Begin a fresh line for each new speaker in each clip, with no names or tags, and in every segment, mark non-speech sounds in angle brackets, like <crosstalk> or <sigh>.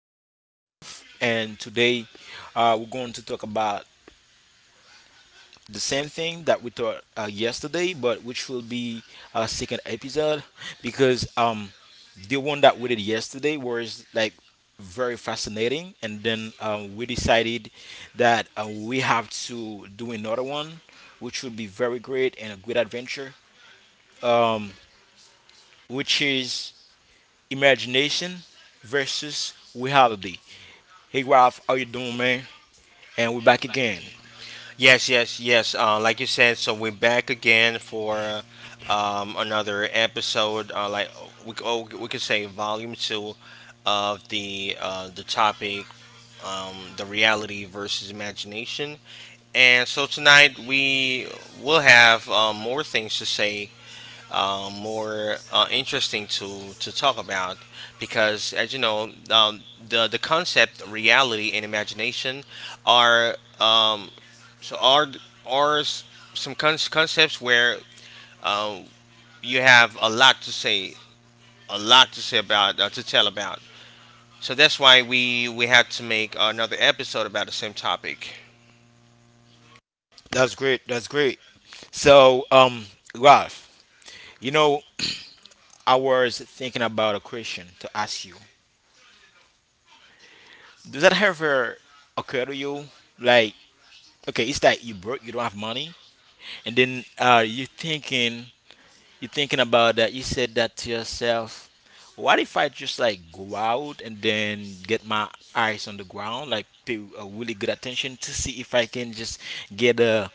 with me Ralph. And today, we're going to talk about the same thing that we taught yesterday, but which will be a second episode because the one that we did yesterday was like very fascinating, and then we decided that we have to do another one, which would be very great and a great adventure, which is imagination versus reality. Hey Ralph, how you doing, man? And we're back again.
Yes, yes, yes. Like you said, so we're back again for another episode. Like we could say volume two of the topic, the reality versus imagination. And so tonight we will have more things to say, more interesting to talk about, because as you know, the concept reality and imagination are so are th- are s- some concepts where um, you have a lot to say, a lot to say about, to tell about. So that's why we had to make another episode about the same topic.
That's great. That's great. So, Ralph, you know, I was thinking about a question to ask you. Does that ever occur to you? Like, okay, it's like you broke, you don't have money, and then You're thinking about that. You said that to yourself. What if I just like go out and then get my eyes on the ground, like pay a really good attention to see if I can just get a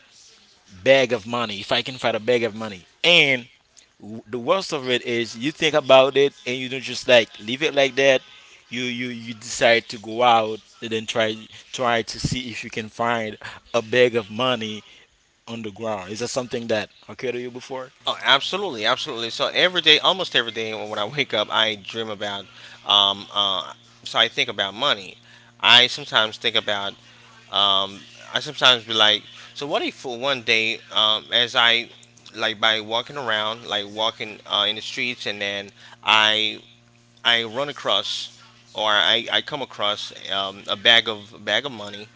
bag of money, if I can find a bag of money. And the worst of it is you think about it and you don't just like leave it like that. You decide to go out and then try to see if you can find a bag of money on the ground. Is that something that occurred to you before?
Oh, absolutely, absolutely. So every day, almost every day, when I wake up, I dream about. Um, uh, so I think about money. I sometimes think about um, I sometimes be like, so what if for one day, as I like by walking around, like walking in the streets, and then I I run across or I come across a bag of money,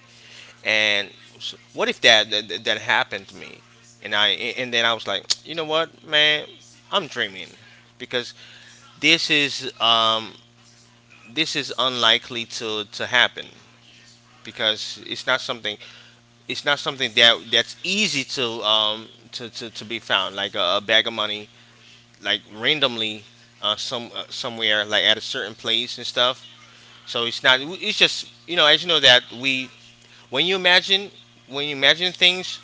and s what if that happened to me, and I and then I was like, <tsk> you know what, man, I'm dreaming, because this is um, this is unlikely to happen, because it's not something that that's easy to, to be found, like a bag of money, like randomly somewhere, like at a certain place and stuff. So it's not, it's just, as you know, that we, when you imagine things,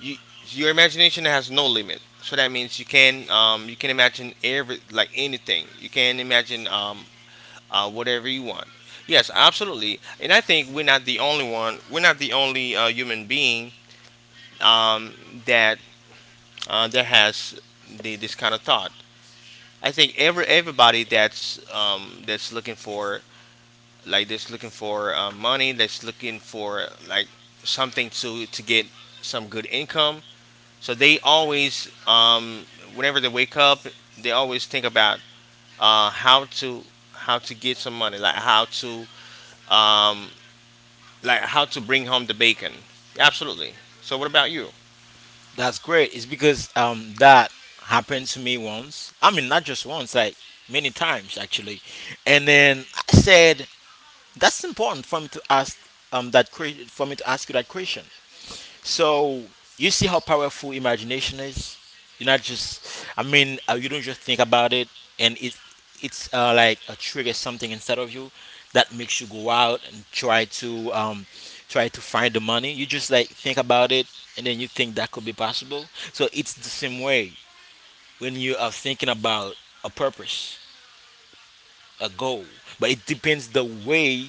you, your imagination has no limit, so that means you can, imagine every like, anything you can imagine, Whatever you want. Yes, absolutely, and I think we're not the only human being um, that that has this kind of thought. I think everybody that's looking for, like, that's looking for money, that's looking for, like, something to get some good income. So they always, whenever they wake up, they always think about how to get some money, like how to, um, bring home the bacon. Absolutely. So what about you?
That's great. It's because that happened to me once. I mean, not just once, like many times actually. And then I said, "That's important for me to ask for me to ask you that question." So you see how powerful imagination is. You're not just, I mean, you don't just think about it, and it's like a trigger something inside of you that makes you go out and try to find the money. You just like think about it, and then you think that could be possible. So it's the same way when you are thinking about a purpose, a goal, but it depends the way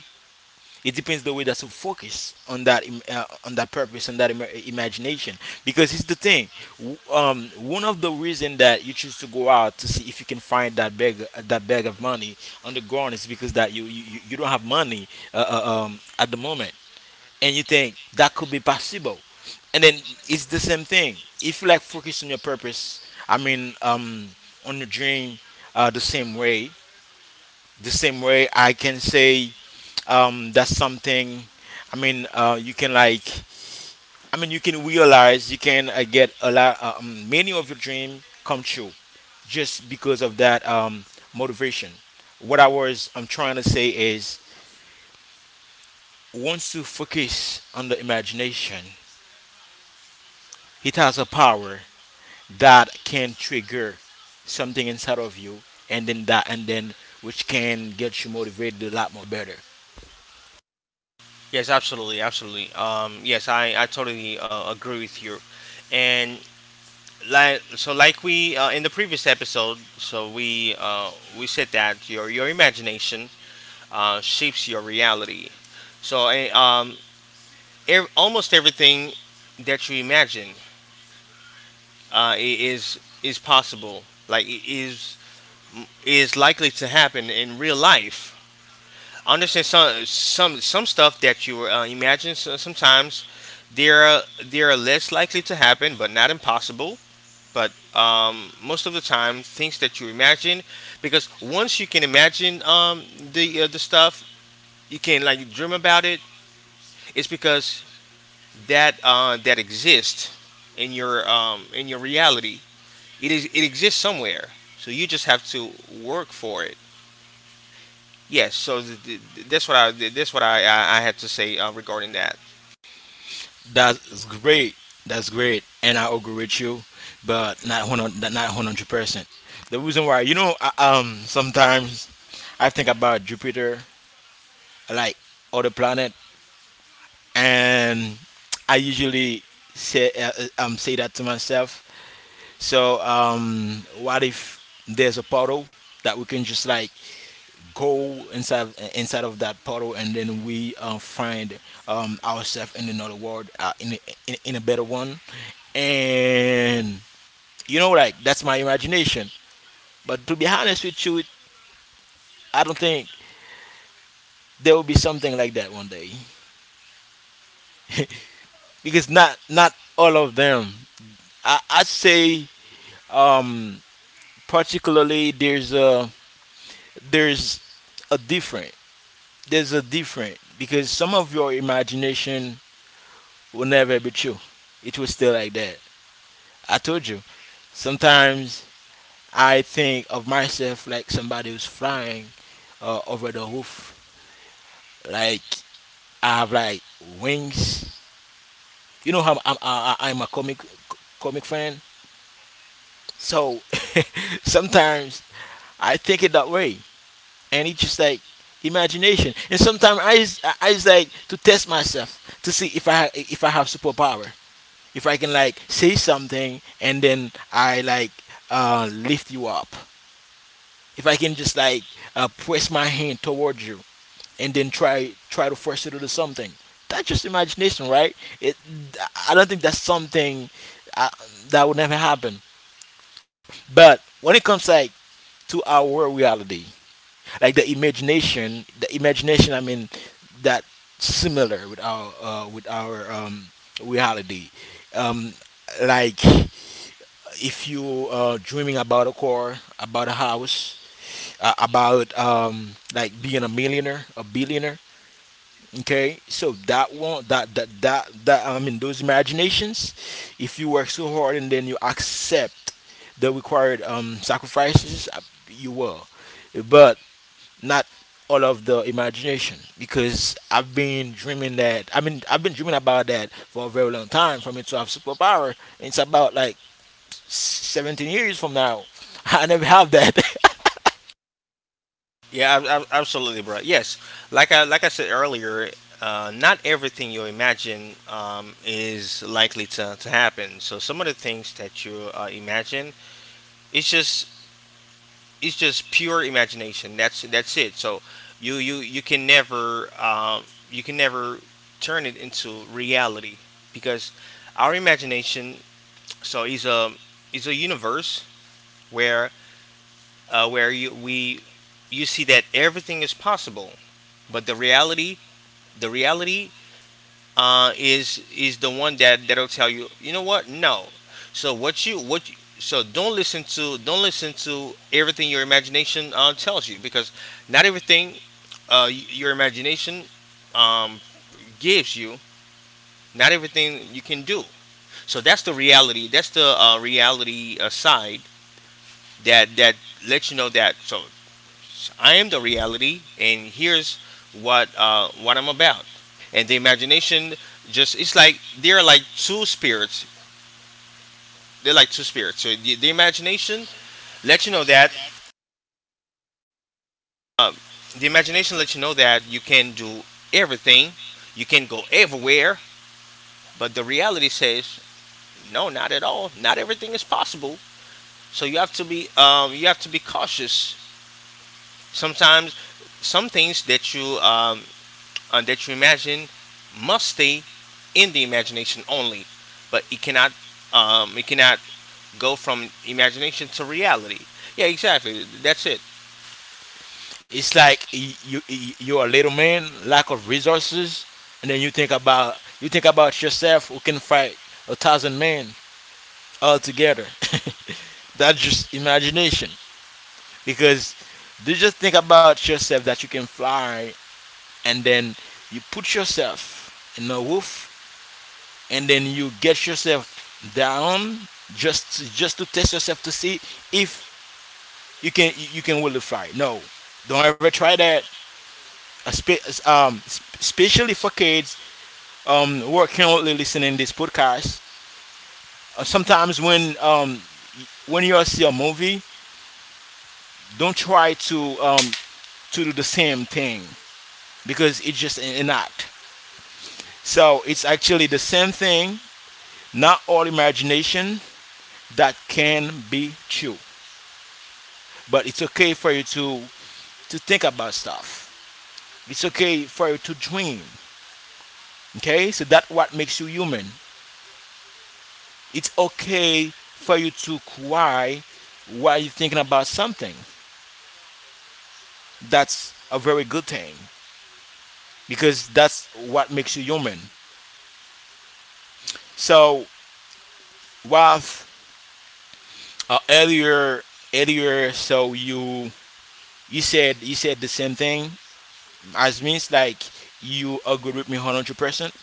it depends the way that you focus on that on that purpose and that imagination. Because it's the thing, one of the reason that you choose to go out to see if you can find that bag of money on the ground is because that you don't have money at the moment, and you think that could be possible. And then it's the same thing. If you like focus on your purpose, I mean, on your dream, the same way. The same way I can say that's something. I mean, you can like, I mean, you can realize you can get a lot, many of your dream come true just because of that motivation. What I'm trying to say is once you focus on the imagination, it has a power that can trigger something inside of you, and then which can get you motivated a lot more better.
Yes, absolutely, absolutely. Yes, I totally agree with you. And, like, so, like, we in the previous episode, so we said that your imagination shapes your reality. So almost everything that you imagine, is possible. Like, is likely to happen in real life. I understand some stuff that you imagine sometimes they are less likely to happen, but not impossible. But most of the time, things that you imagine, because once you can imagine, the stuff, you can, like, dream about it. It's because that exists in your reality. It exists somewhere. So you just have to work for it. Yes. That's what I had to say regarding that.
That's great. That's great, and I agree with you, but not 100, not 100%. The reason why, sometimes I think about Jupiter, like other planet, and I usually say that to myself. So, what if there's a portal that we can just like go inside of that portal, and then we find ourselves in another world, in a better one. And like that's my imagination. But to be honest with you, I don't think there will be something like that one day, because not all of them. I'd say, um particularly, there's a different there's a different, because some of your imagination will never be true. It will still like that. I told you, sometimes I think of myself like somebody who's flying over the roof, like I have like wings. You know how I'm a comic fan, so <laughs> sometimes I think it that way, and it's just like imagination. And sometimes I just like to test myself to see if I have superpower, if I can like say something and then I, like, lift you up. If I can just like press my hand towards you and then try to force it into something. That's just imagination, right? It, I don't think that's something uh that would never happen. But when it comes like to our reality, like the imagination, I mean, that similar with our reality. Um, like if you dreaming about a car, about a house, about like being a millionaire, a billionaire. Okay, so that one that that that that I mean, those imaginations, if you work so hard and then you accept the required sacrifices, you will. But not all of the imagination, because I mean, I've been dreaming about that for a very long time. For me to have superpower, it's about like 17 years from now. <laughs> I never have that. <laughs>
Yeah, absolutely, bro. Yes, like I said earlier, not everything you imagine is likely to happen. So some of the things that you imagine, it's just it's just pure imagination. That's it. So you can never, you can never turn it into reality, because our imagination, is a universe where, uh, where you we you see that everything is possible. But the reality is the one that'll tell you, you know what, no. So what you, don't listen to, everything your imagination tells you, because not everything, your imagination, um, gives you. Not everything you can do. So that's the reality, that's the reality side that lets you know that. So I am the reality, and here's what, what I'm about. And the imagination, just, it's like they're like two spirits. They're like two spirits. So the imagination lets you know that, you can do everything, you can go everywhere, but the reality says no, not at all. Not everything is possible. So you have to be, cautious. Sometimes, some things that you, that you imagine must stay in the imagination only, but it cannot, um, it cannot go from imagination to reality. Yeah, exactly. That's it.
It's like you're a little man, lack of resources, and then you think about yourself who can fight a thousand men all together. <laughs> That's just imagination, because you just think about yourself that you can fly, and then you put yourself in a roof, and then you get yourself down just to test yourself to see if you can really fly. No, don't ever try that. Espe- Um, Especially for kids who are currently listening this podcast, sometimes when you all see a movie, don't try to do the same thing because it's just an act. So it's actually the same thing. Not all imagination that can be true, but it's okay for you to think about stuff. It's okay for you to dream. Okay, so that's what makes you human. It's okay for you to cry while you're thinking about something. That's a very good thing because that's what makes you human. So Ralph, uh, earlier earlier, so you said the same thing as means like you agree with me 100%,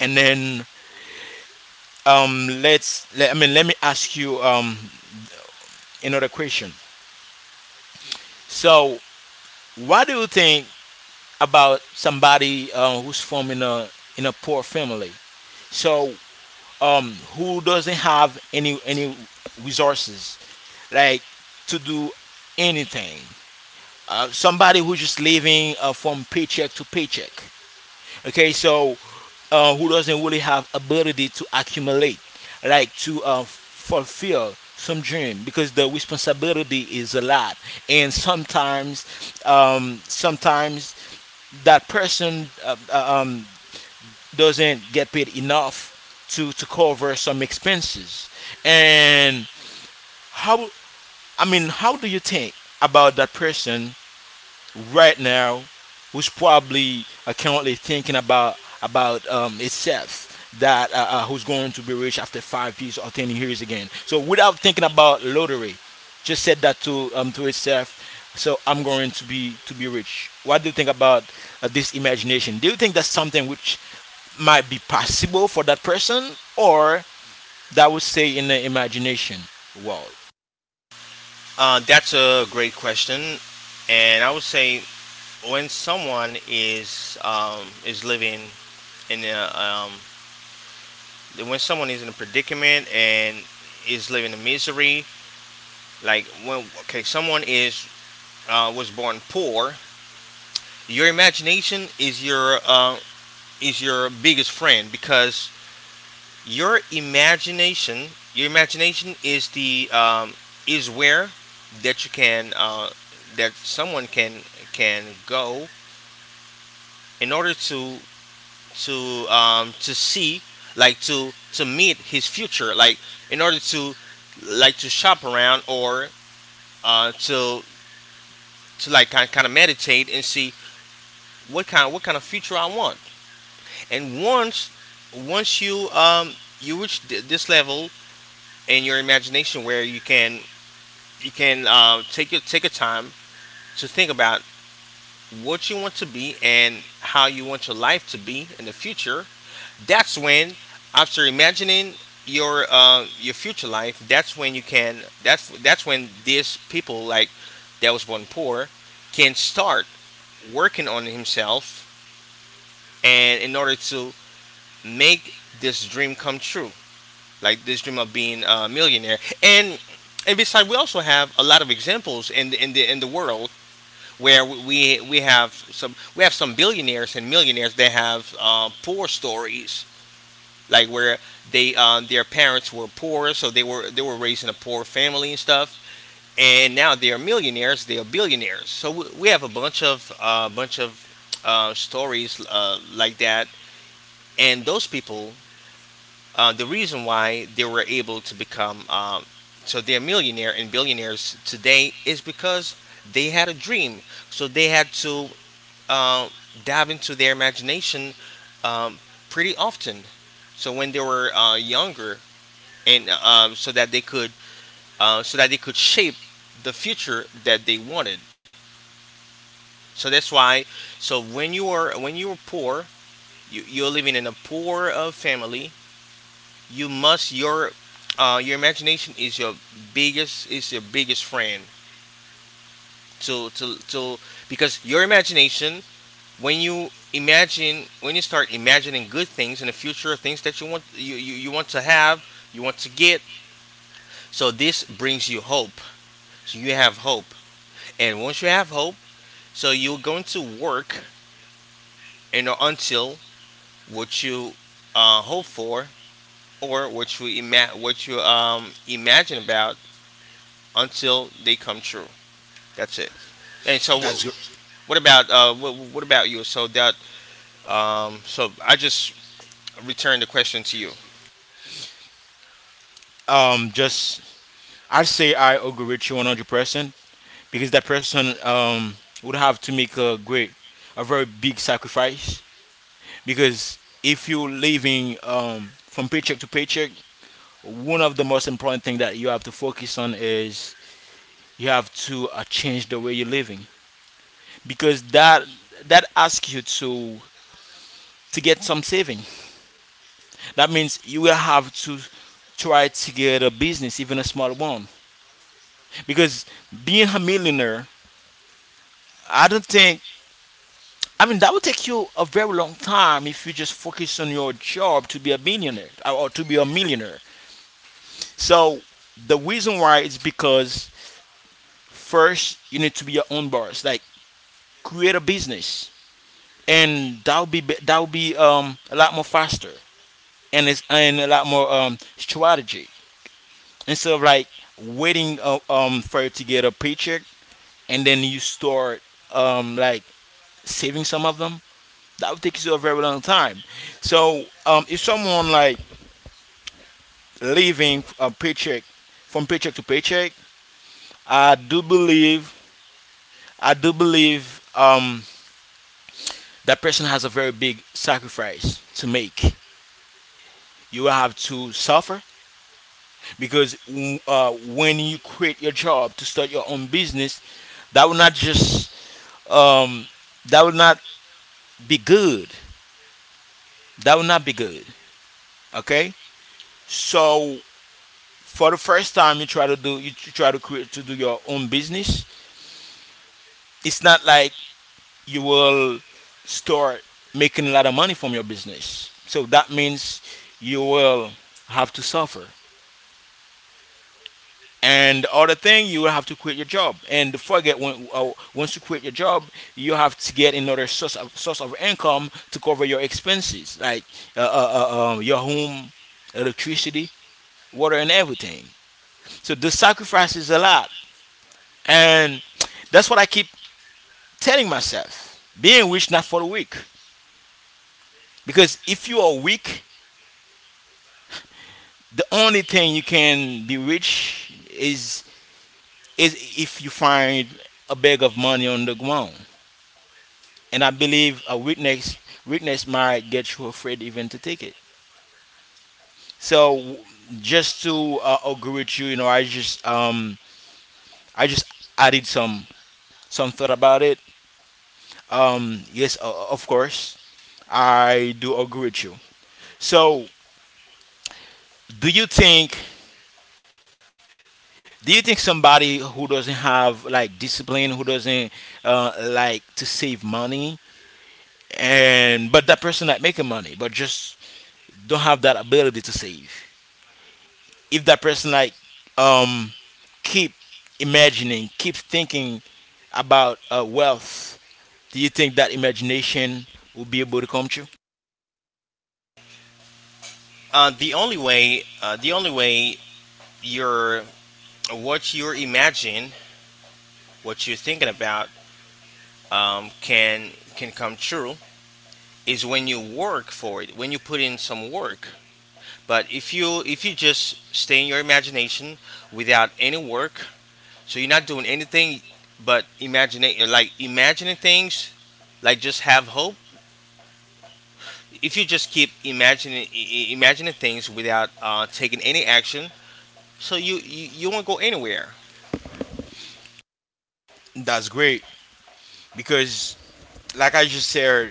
and then I mean, let me ask you another question. So what do you think about somebody who's from in a poor family? So who doesn't have any resources like to do anything. Somebody who's just living from paycheck to paycheck. Okay, so who doesn't really have ability to accumulate, like to fulfill some dream because the responsibility is a lot. And sometimes, um, sometimes that person doesn't get paid enough to cover some expenses. And how, how do you think about that person right now, who's probably currently thinking about itself, that who's going to be rich after 5 years or 10 years again. So without thinking about lottery, just said that to itself. So I'm going to be rich. What do you think about this imagination? Do you think that's something which might be possible for that person, or that would say in the imagination? Well,
That's a great question, and I would say, when someone is, living in a, when someone is in a predicament and is living in misery, like, when, okay, someone is, was born poor. Your imagination is your, is your biggest friend, because your imagination, your imagination is the, is where that you can, that someone can go in order to, to see, like to meet his future, like, in order to, like, to shop around, or, uh, to to, like, kind of meditate and see what kind, of future I want. And once you, you reach this level in your imagination where you can, take your, time to think about what you want to be and how you want your life to be in the future. That's when, after imagining your, your future life, that's when you can. That's when these people, like, that was born poor can start working on himself, and in order to make this dream come true, like this dream of being a millionaire. And besides, we also have a lot of examples in the, in the in the world, where we have some, billionaires and millionaires that have, poor stories, like, where they their parents were poor, so they were raised in a poor family and stuff. And now they are millionaires, they are billionaires. So we have a bunch of, stories, like that, and those people, the reason why they were able to become so they're millionaire and billionaires today is because they had a dream. So they had to, uh, dive into their imagination, um, pretty often. So when they were, younger, and, so that they could shape the future that they wanted. So that's why. So when you were poor, you're living in a poor, family. You must your uh, your imagination is your biggest, friend, to because your imagination, when you start imagining good things in the future, things that you want, you want to have, you want to get. So this brings you hope. So you have hope, and once you have hope, so you're going to work, and until what you, hope for, or what you ima- what you imagine about, until they come true. That's it. And so, what,
that's good.
what about uh, what, what about you? So that so I just return the question to you.
Just I say I agree with you 100%, because that person, would have to make a very big sacrifice. Because if you're living, from paycheck to paycheck, one of the most important thing that you have to focus on is you have to change the way you're living because that asks you to get some saving. That means you will have to try to get a business, even a small one, because being a millionaire, I don't think, I mean, that would take you a very long time if you just focus on your job to be a millionaire, or to be a millionaire. So the reason why is because first you need to be your own boss, like create a business, and that'll be a lot more faster, and it's and a lot more strategy, instead of like waiting for you to get a paycheck, and then you start like saving some of them. That would take you a very long time. So if someone like living a paycheck from paycheck to paycheck, I do believe I do believe, that person has a very big sacrifice to make. You will have to suffer, because when you quit your job to start your own business, that will not just, um, that will not be good. That will not be good. Okay, so for the first time you try to do you try to create to do your own business. It's not like you will start making a lot of money from your business. So that means you will have to suffer. And the other thing, you will have to quit your job. And don't forget, once you quit your job, you have to get another source of income to cover your expenses, like uh, uh, your home, electricity, water, and everything. So the sacrifice is a lot. And that's what I keep telling myself, being rich, not for the weak. Because if you are weak, the only thing you can be rich is if you find a bag of money on the ground. And I believe a witness witness might get you afraid even to take it. So just to agree with you, I just added some thought about it. Yes, of course, I do agree with you. So do you think do you think somebody who doesn't have like discipline, who doesn't like to save money, and but that person like making money but just don't have that ability to save, if that person like um keep imagining, keep thinking about wealth, do you think that imagination will be able to come true?
The only way, your what you imagine, what you're thinking about, can, come true, is when you work for it, when you put in some work. But if you just stay in your imagination without any work, so you're not doing anything but imagining, like, imagining things, like, just have hope. If you just keep imagining, imagining things without, taking any action, so you won't go anywhere.
That's great, because like I just said,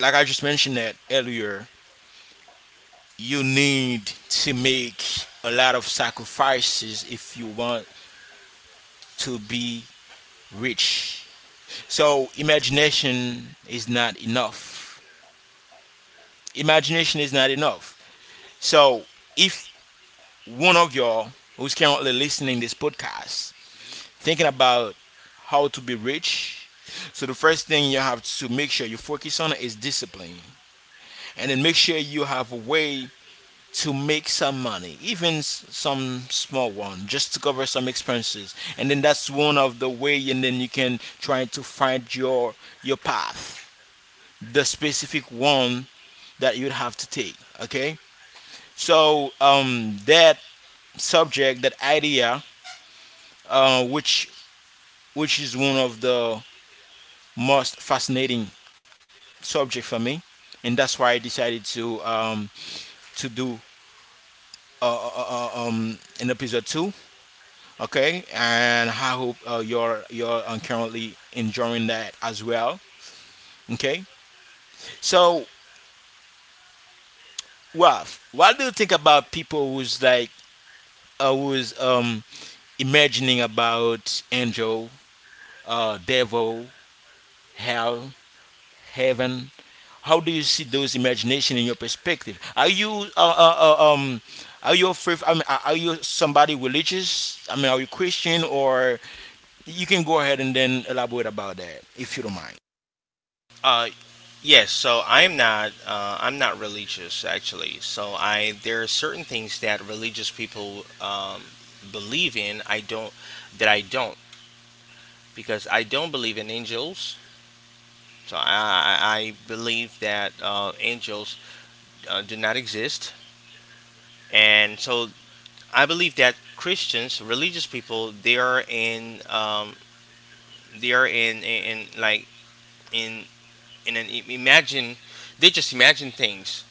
like I just mentioned that earlier, you need to make a lot of sacrifices if you want to be rich. So imagination is not enough. Imagination is not enough. So if one of y'all who's currently listening this podcast thinking about how to be rich, so the first thing you have to make sure you focus on is discipline, and then make sure you have a way to make some money, even some small one, just to cover some expenses. And then that's one of the way, and then you can try to find your path, the specific one that you'd have to take. Okay, so that subject, that idea, uh, which which is one of the most fascinating subject for me, and that's why I decided to do in episode two. Okay, and I hope you're currently enjoying that as well. Okay, so Ralph, what do you think about people who's like who's imagining about angel, devil, hell, heaven. How do you see those imagination in your perspective? Are you afraid? I mean, are you somebody religious? I mean, are you Christian or you can go ahead and then elaborate about that if you don't mind.
Uh, yes, so I'm not religious actually. So I there are certain things that religious people, believe in. I don't, that I don't because I don't believe in angels. So I believe that, angels, do not exist, and so I believe that Christians, religious people, they are in, they are in, like, in in an imagine, they just imagine things.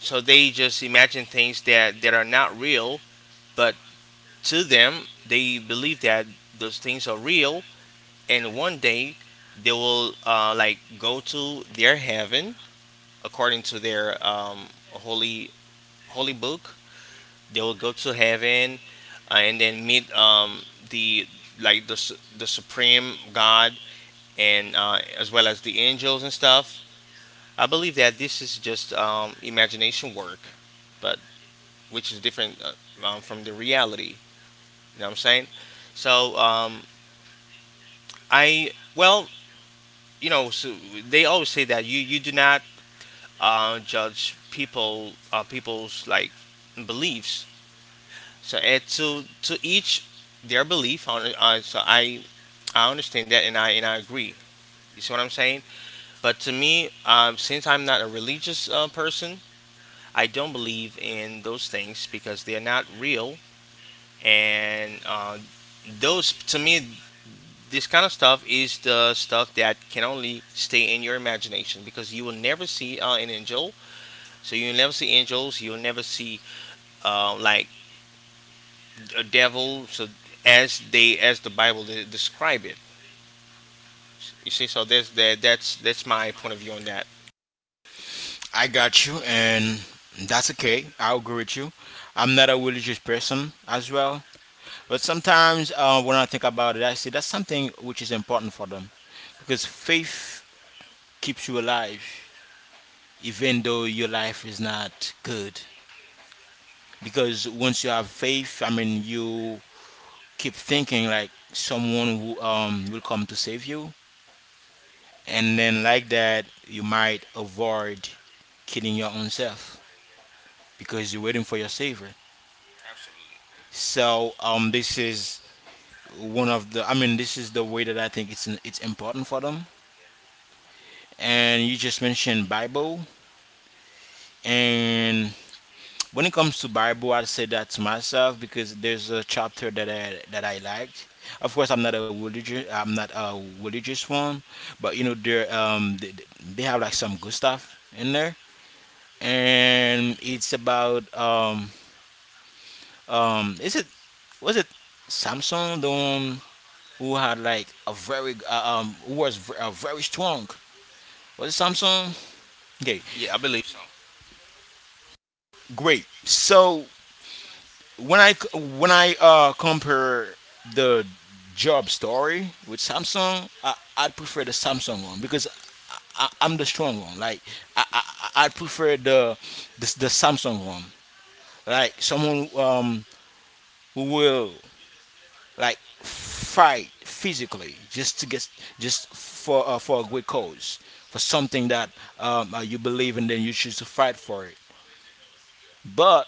So they just imagine things that that are not real, but to them, they believe that those things are real, and one day they will, like, go to their heaven, according to their, holy, book. They will go to heaven, and then meet, the like the, su- the supreme god, and, as well as the angels and stuff. I believe that this is just, imagination work, but which is different, from the reality. You know what I'm saying? So, I well, so they always say that you do not, judge people, people's, like, beliefs. So, and to each their belief. On So I understand that and I agree. You see what I'm saying? But to me, since I'm not a religious person, I don't believe in those things because they are not real. And those, to me, this kind of stuff is the stuff that can only stay in your imagination because you will never see an angel. So you'll never see angels. You'll never see uh, like a devil. As the Bible describe it, you see. So there's that. That's my point of view on that.
I got you, and that's okay. I agree with you. I'm not a religious person as well, but sometimes when I think about it, I see that's something which is important for them, because faith keeps you alive, even though your life is not good. Because once you have faith, I mean, you keep thinking like someone who will come to save you, and then like that, you might avoid killing your own self because you're waiting for your savior. So this is one of the. I mean, this is the way that I think it's important for them. And you just mentioned Bible, and when it comes to Bible, I'd say that to myself because there's a chapter that I liked. Of course, I'm not a religious one, but you know there they have like some good stuff in there, and it's about is it was it Samson, the one who had like a very who was very strong, was it Samson? Okay,
Yeah, I believe.
great. So when I compare the job story with Samsung, I'd prefer the Samsung one because am the strong one. Like I, I I prefer the Samsung one. Like someone who will like fight physically, just to get, just for a good cause, for something that you believe, and then you choose to fight for it. But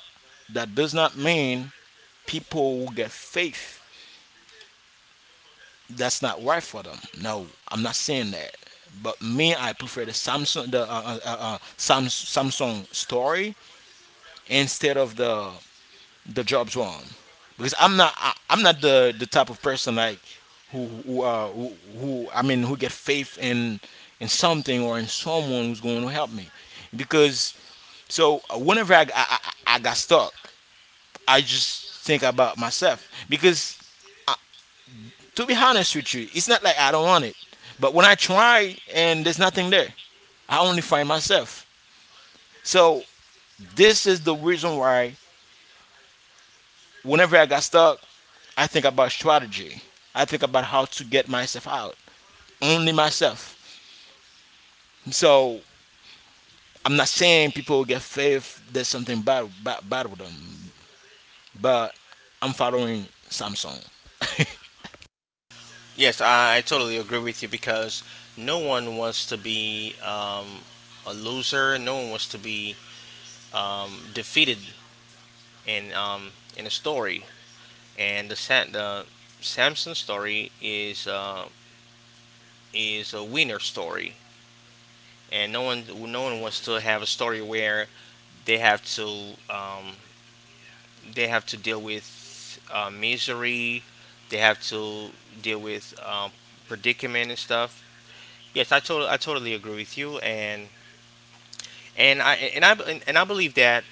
that does not mean people who get faith, that's not right for them. No, I'm not saying that. But me, I prefer the Samsung, the Samsung story instead of the Jobs one, because I'm not the type of person like who who, uh, who who I mean who get faith in something or in someone who's going to help me, because so whenever I got stuck, I just think about myself because, to be honest with you, it's not like I don't want it. But when I try and there's nothing there, I only find myself. So this is the reason why whenever I got stuck, I think about strategy. I think about how to get myself out. Only myself. So I'm not saying people who get faith there's something bad, bad with them. But I'm following Samsung.
Yes, I totally agree with you because no one wants to be a loser. No one wants to be defeated in um, in a story. And the Samson story is a winner story. And no one wants to have a story where they have to um, they have to deal with misery. They have to deal with predicament and stuff. Yes, I totally agree with you. And. And I believe that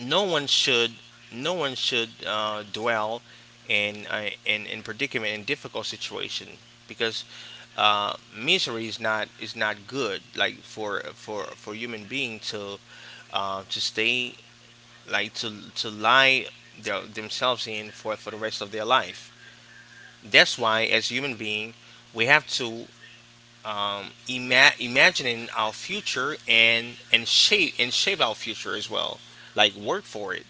no one should no one should dwell in in predicament in difficult situation because misery is not good like for for human being to stay like to lie themselves in for the rest of their life. That's why as human being we have to imagining our future and shape our future as well, like work for it,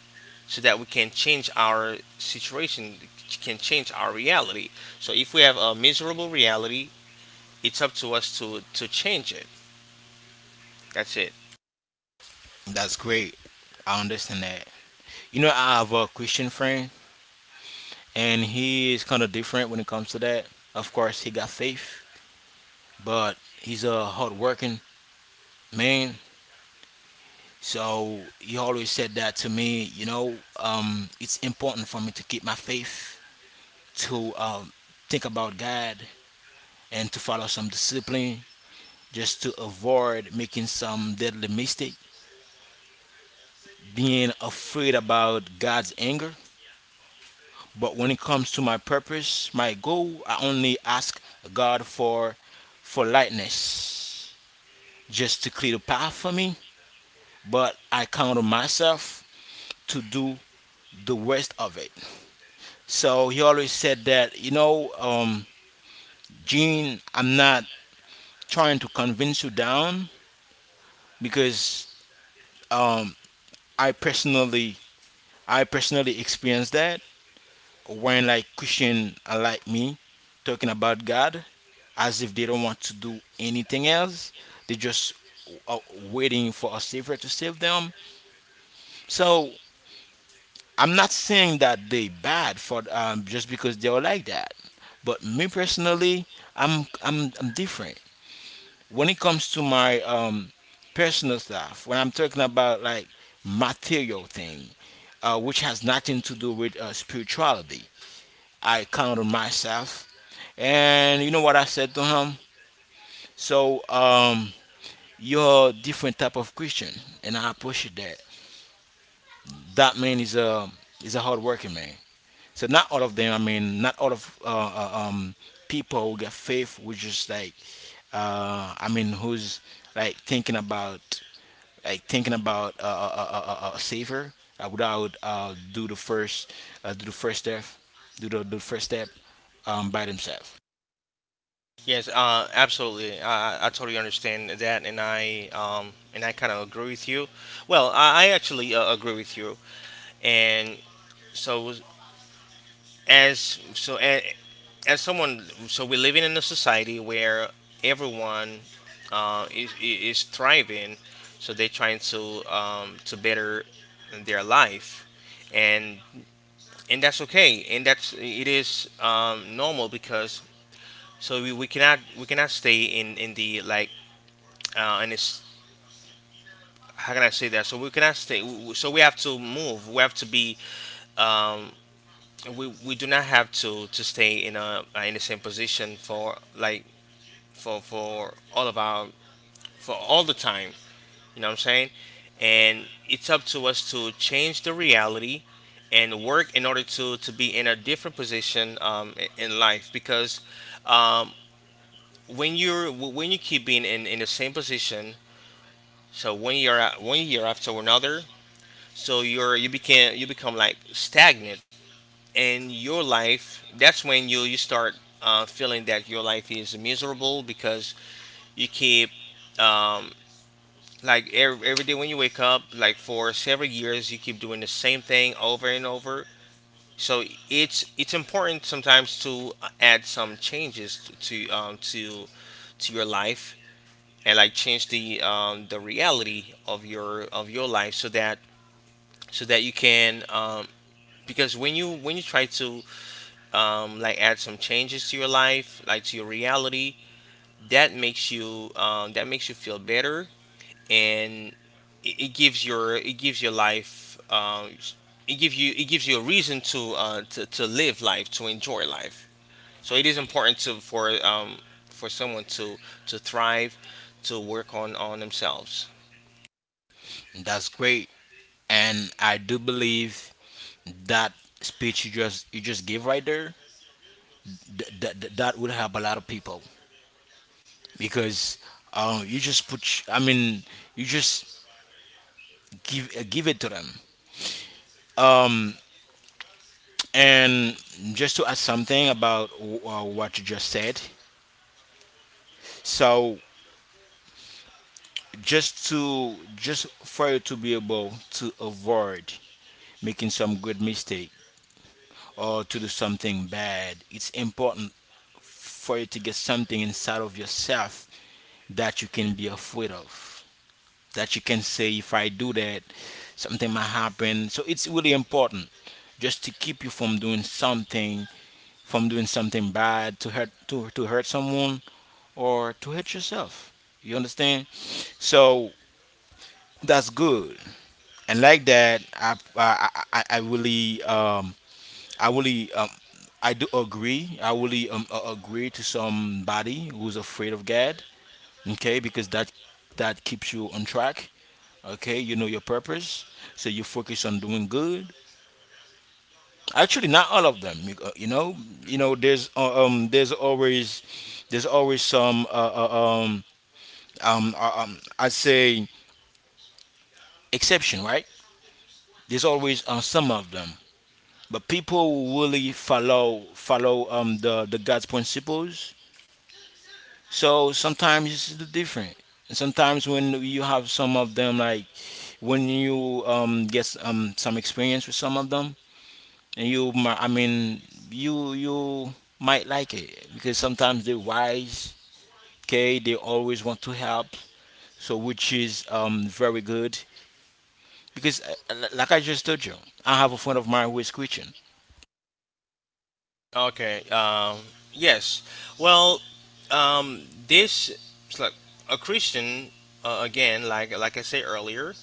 so that we can change our situation, can change our reality. So if we have a miserable reality, it's up to us to change it. That's it.
That's great. I understand that. You know I have a Christian friend, and he is kind of different when it comes to that. Of course, he got faith, but he's a hardworking man. So he always said that to me. You know, it's important for me to keep my faith, to think about God, and to follow some discipline, just to avoid making some deadly mistake, being afraid about God's anger. But when it comes to my purpose, my goal, I only ask God for lightness, just to clear the path for me, but I count on myself to do the rest of it. So he always said that, you know, Gene, I'm not trying to convince you down because um, I personally, I personally experienced that when like Christian are like me talking about God as if they don't want to do anything else. They just uh, waiting for a savior to save them. So I'm not saying that they bad for just because they are like that, but me personally, I'm different when it comes to my personal stuff. When I'm talking about like material thing, which has nothing to do with spirituality, I count on myself. And you know what I said to him? So you're a different type of Christian, and I appreciate that. That man is a hardworking man. So not all of them. I mean, not all of people who get faith, which is like, I mean, who's like thinking about like thinking about savior without do the first step, do the first step by themselves.
Yes, absolutely. I totally understand that, and I kind of agree with you. Well, I actually agree with you, and so as so a- as someone, so we're living in a society where everyone uh, is is thriving, so they're trying to better their life, and and that's okay and that's it is normal because so we cannot stay in the like in this how can I say that, so we cannot so we have to move, we have to be um, we do not have to stay in a in the same position for like for all of our, for all the time, you know what I'm saying. And it's up to us to change the reality and work in order to be in a different position in life because um when when you keep being in the same position, so one year one year after another, so you became, you become like stagnant in your life. That's when you start feeling that your life is miserable because you keep um, every day when you wake up, like for several years, you keep doing the same thing over and over. So it's important sometimes to add some changes to to your life and like change the reality of your life so that you can, because when you try to like add some changes to your life, like to your reality. That makes you feel better, and it gives your life, it gives you it gives you a reason to live life, to enjoy life.
So
So
it
it is
is.
important to for someone to thrive, to work on themselves.
That's great, and I do believe that speech you just gave right there, that would help a lot of people because you just put. Sh- I mean, you just give give it to them. Um, and just to add something about what you just said. So just for you to be able to avoid making some good mistake or to do something bad, it's important for you to get something inside of yourself that you can be afraid of, that you can say if I do that, something might happen. So it's really important just to keep you from doing something bad, to hurt someone or to hurt yourself. You understand? So that's good. And like that, I really I really um I do agree. I really agree to somebody who's afraid of God. Okay, because that keeps you on track. Okay, you know your purpose, so you focus on doing good. Actually, not all of them. You, you know, there's there's always some I'd say exception, right? There's always some of them, but people who really follow the God's principles. So sometimes it's different. And sometimes when you have some of them, like when you get some experience with some of them, and you might, I mean, you might like it because sometimes they're wise. Okay, they always want to help, so which is very good because l- like I just told you, I have a friend of mine who is Christian.
Okay. Yes. Well. This. It's like a Christian. Again, like I said earlier,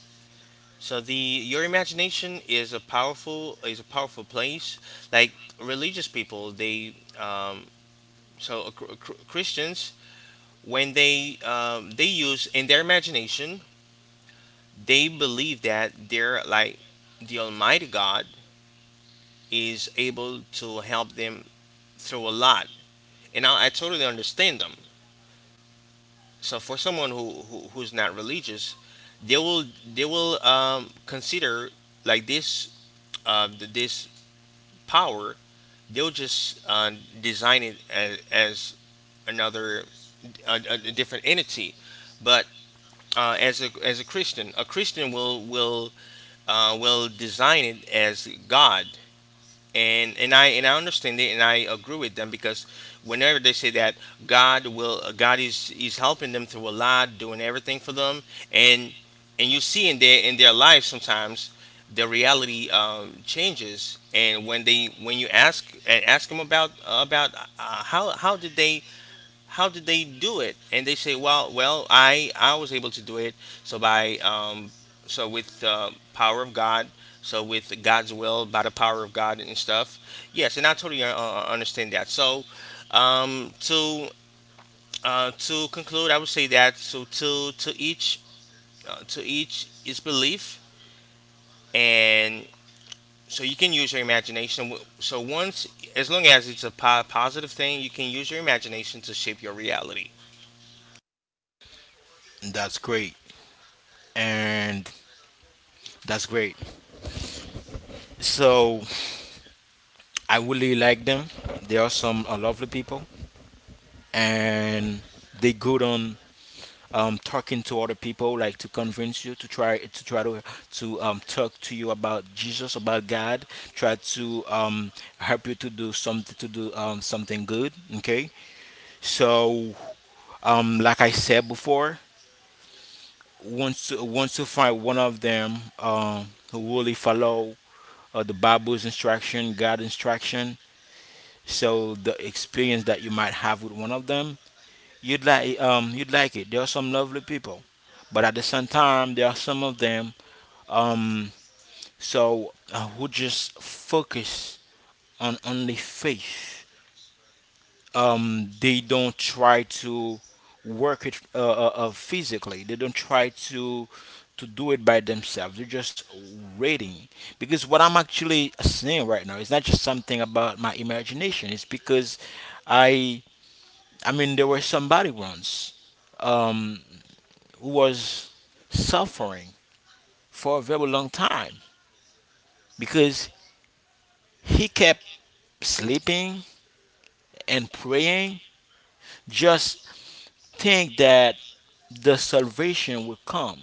so the your imagination is a powerful place. Like religious people, they, um, Christians, when they use in their imagination, they believe that they're like the Almighty God is able to help them through a lot, and I totally understand them. So for someone who's not religious, they will consider like this this power. They'll just design it as, another, a different entity. But as a Christian will design it as God, and I understand it, and I agree with them because whenever they say that God will, God is helping them through a lot, doing everything for them, and and you see in their life sometimes the reality changes, and when they when you ask and ask them about how how did they do it? And they say, well, well, I was able to do it. So by with the power of God, so with God's will, by the power of God and stuff. Yes, and I totally understand that. So um, to to conclude, I would say that so to each to each is belief, and so you can use your imagination. So once, as long as it's a positive thing, you can use your imagination to shape your reality.
And that's great. And that's great. So I really like them. They are some lovely people, and they good on talking to other people, like to convince you to try to talk to you about Jesus, about God. Try to help you to do something, to do something good. Okay, so like I said before, once you find one of them who really follow the Bible's instruction, God's instruction. So the experience that you might have with one of them, you'd you'd like it. There are some lovely people, but at the same time, there are some of them, Um, so who just focus on only faith. They don't try to work it physically. They don't try to do it by themselves. They're just waiting, because what I'm actually saying right now is not just something about my imagination. It's because I I mean there was somebody once um, who was suffering for a very long time because he kept sleeping and praying, just think that the salvation will come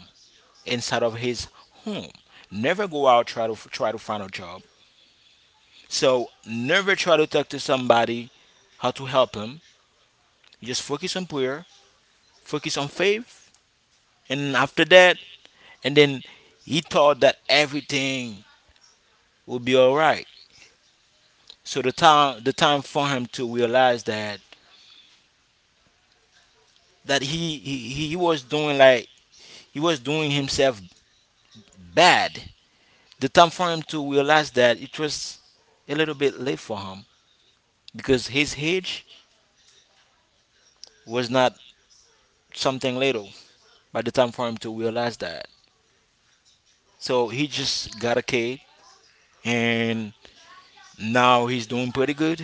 inside of his home. Never go out, try to find a job. So never try to talk to somebody how to help him. Just focus on prayer, focus on faith, and after that, and then he thought that everything will be all right. So the time for him to realize that that he he, he was doing like he was doing himself bad, the time for him to realize that, it was a little bit late for him because his age was not something little by the time for him to realize that. So he just got a kid, and now he's doing pretty good,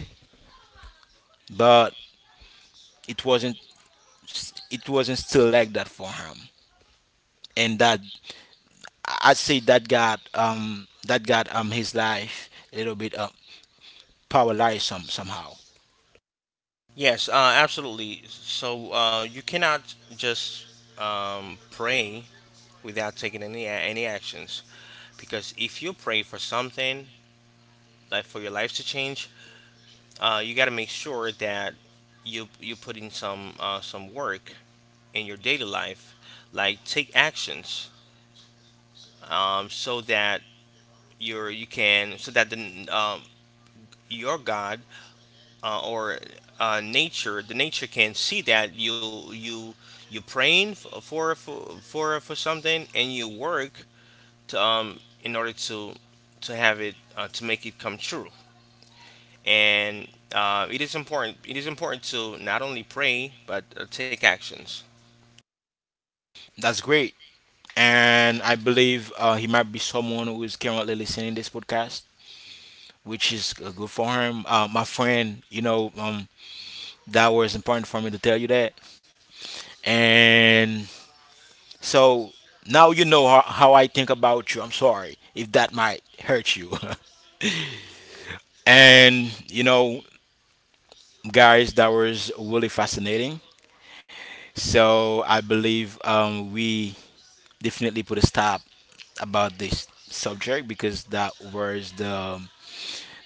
but it wasn't, still like that for him. And that, I'd say that got his life a little bit paralyzed some somehow.
Yes, absolutely. So you cannot just pray without taking any actions because if you pray for something like for your life to change, you got to make sure that you put in some work in your daily life, like take actions, so that the um, your God or nature, the nature can see that you praying for something and you work to in order to have it, to make it come true. And it is important. It is important to not only pray but take actions.
That's great. And I believe he might be someone who is currently listening to this podcast, which is good for him. My friend, you know, that was important for me to tell you that. And so now you know how I think about you. I'm sorry if that might hurt you. <laughs> And you know, guys, that was really fascinating. So I believe we definitely put a stop about this subject, because that was the,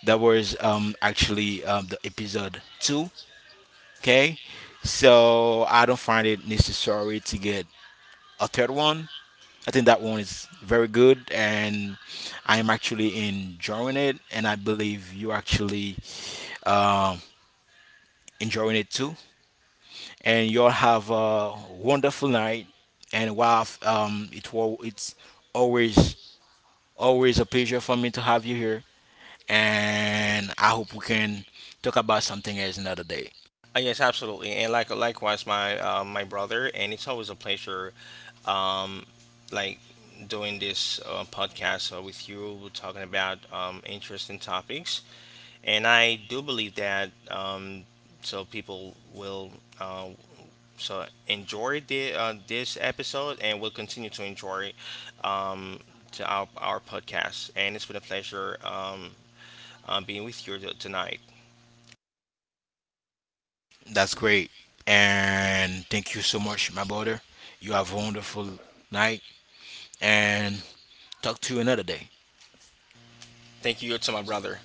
that was actually the episode two. Okay, so I don't find it necessary to get a third one. I think that one is very good, and I am actually enjoying it, and I believe you actually um, enjoying it too. And you all have a wonderful night. And wow, it's always always a pleasure for me to have you here. And I hope we can talk about something else another day.
Yes, absolutely, and like likewise, my my brother, and it's always a pleasure, um, like doing this podcast with you, talking about interesting topics, and I do believe that people will uh, enjoy the this episode, and will continue to enjoy, um, to our podcast, and it's been a pleasure, being with you tonight.
That's great. And thank you so much, my brother. You have a wonderful night and talk to you another day.
Thank you to my brother.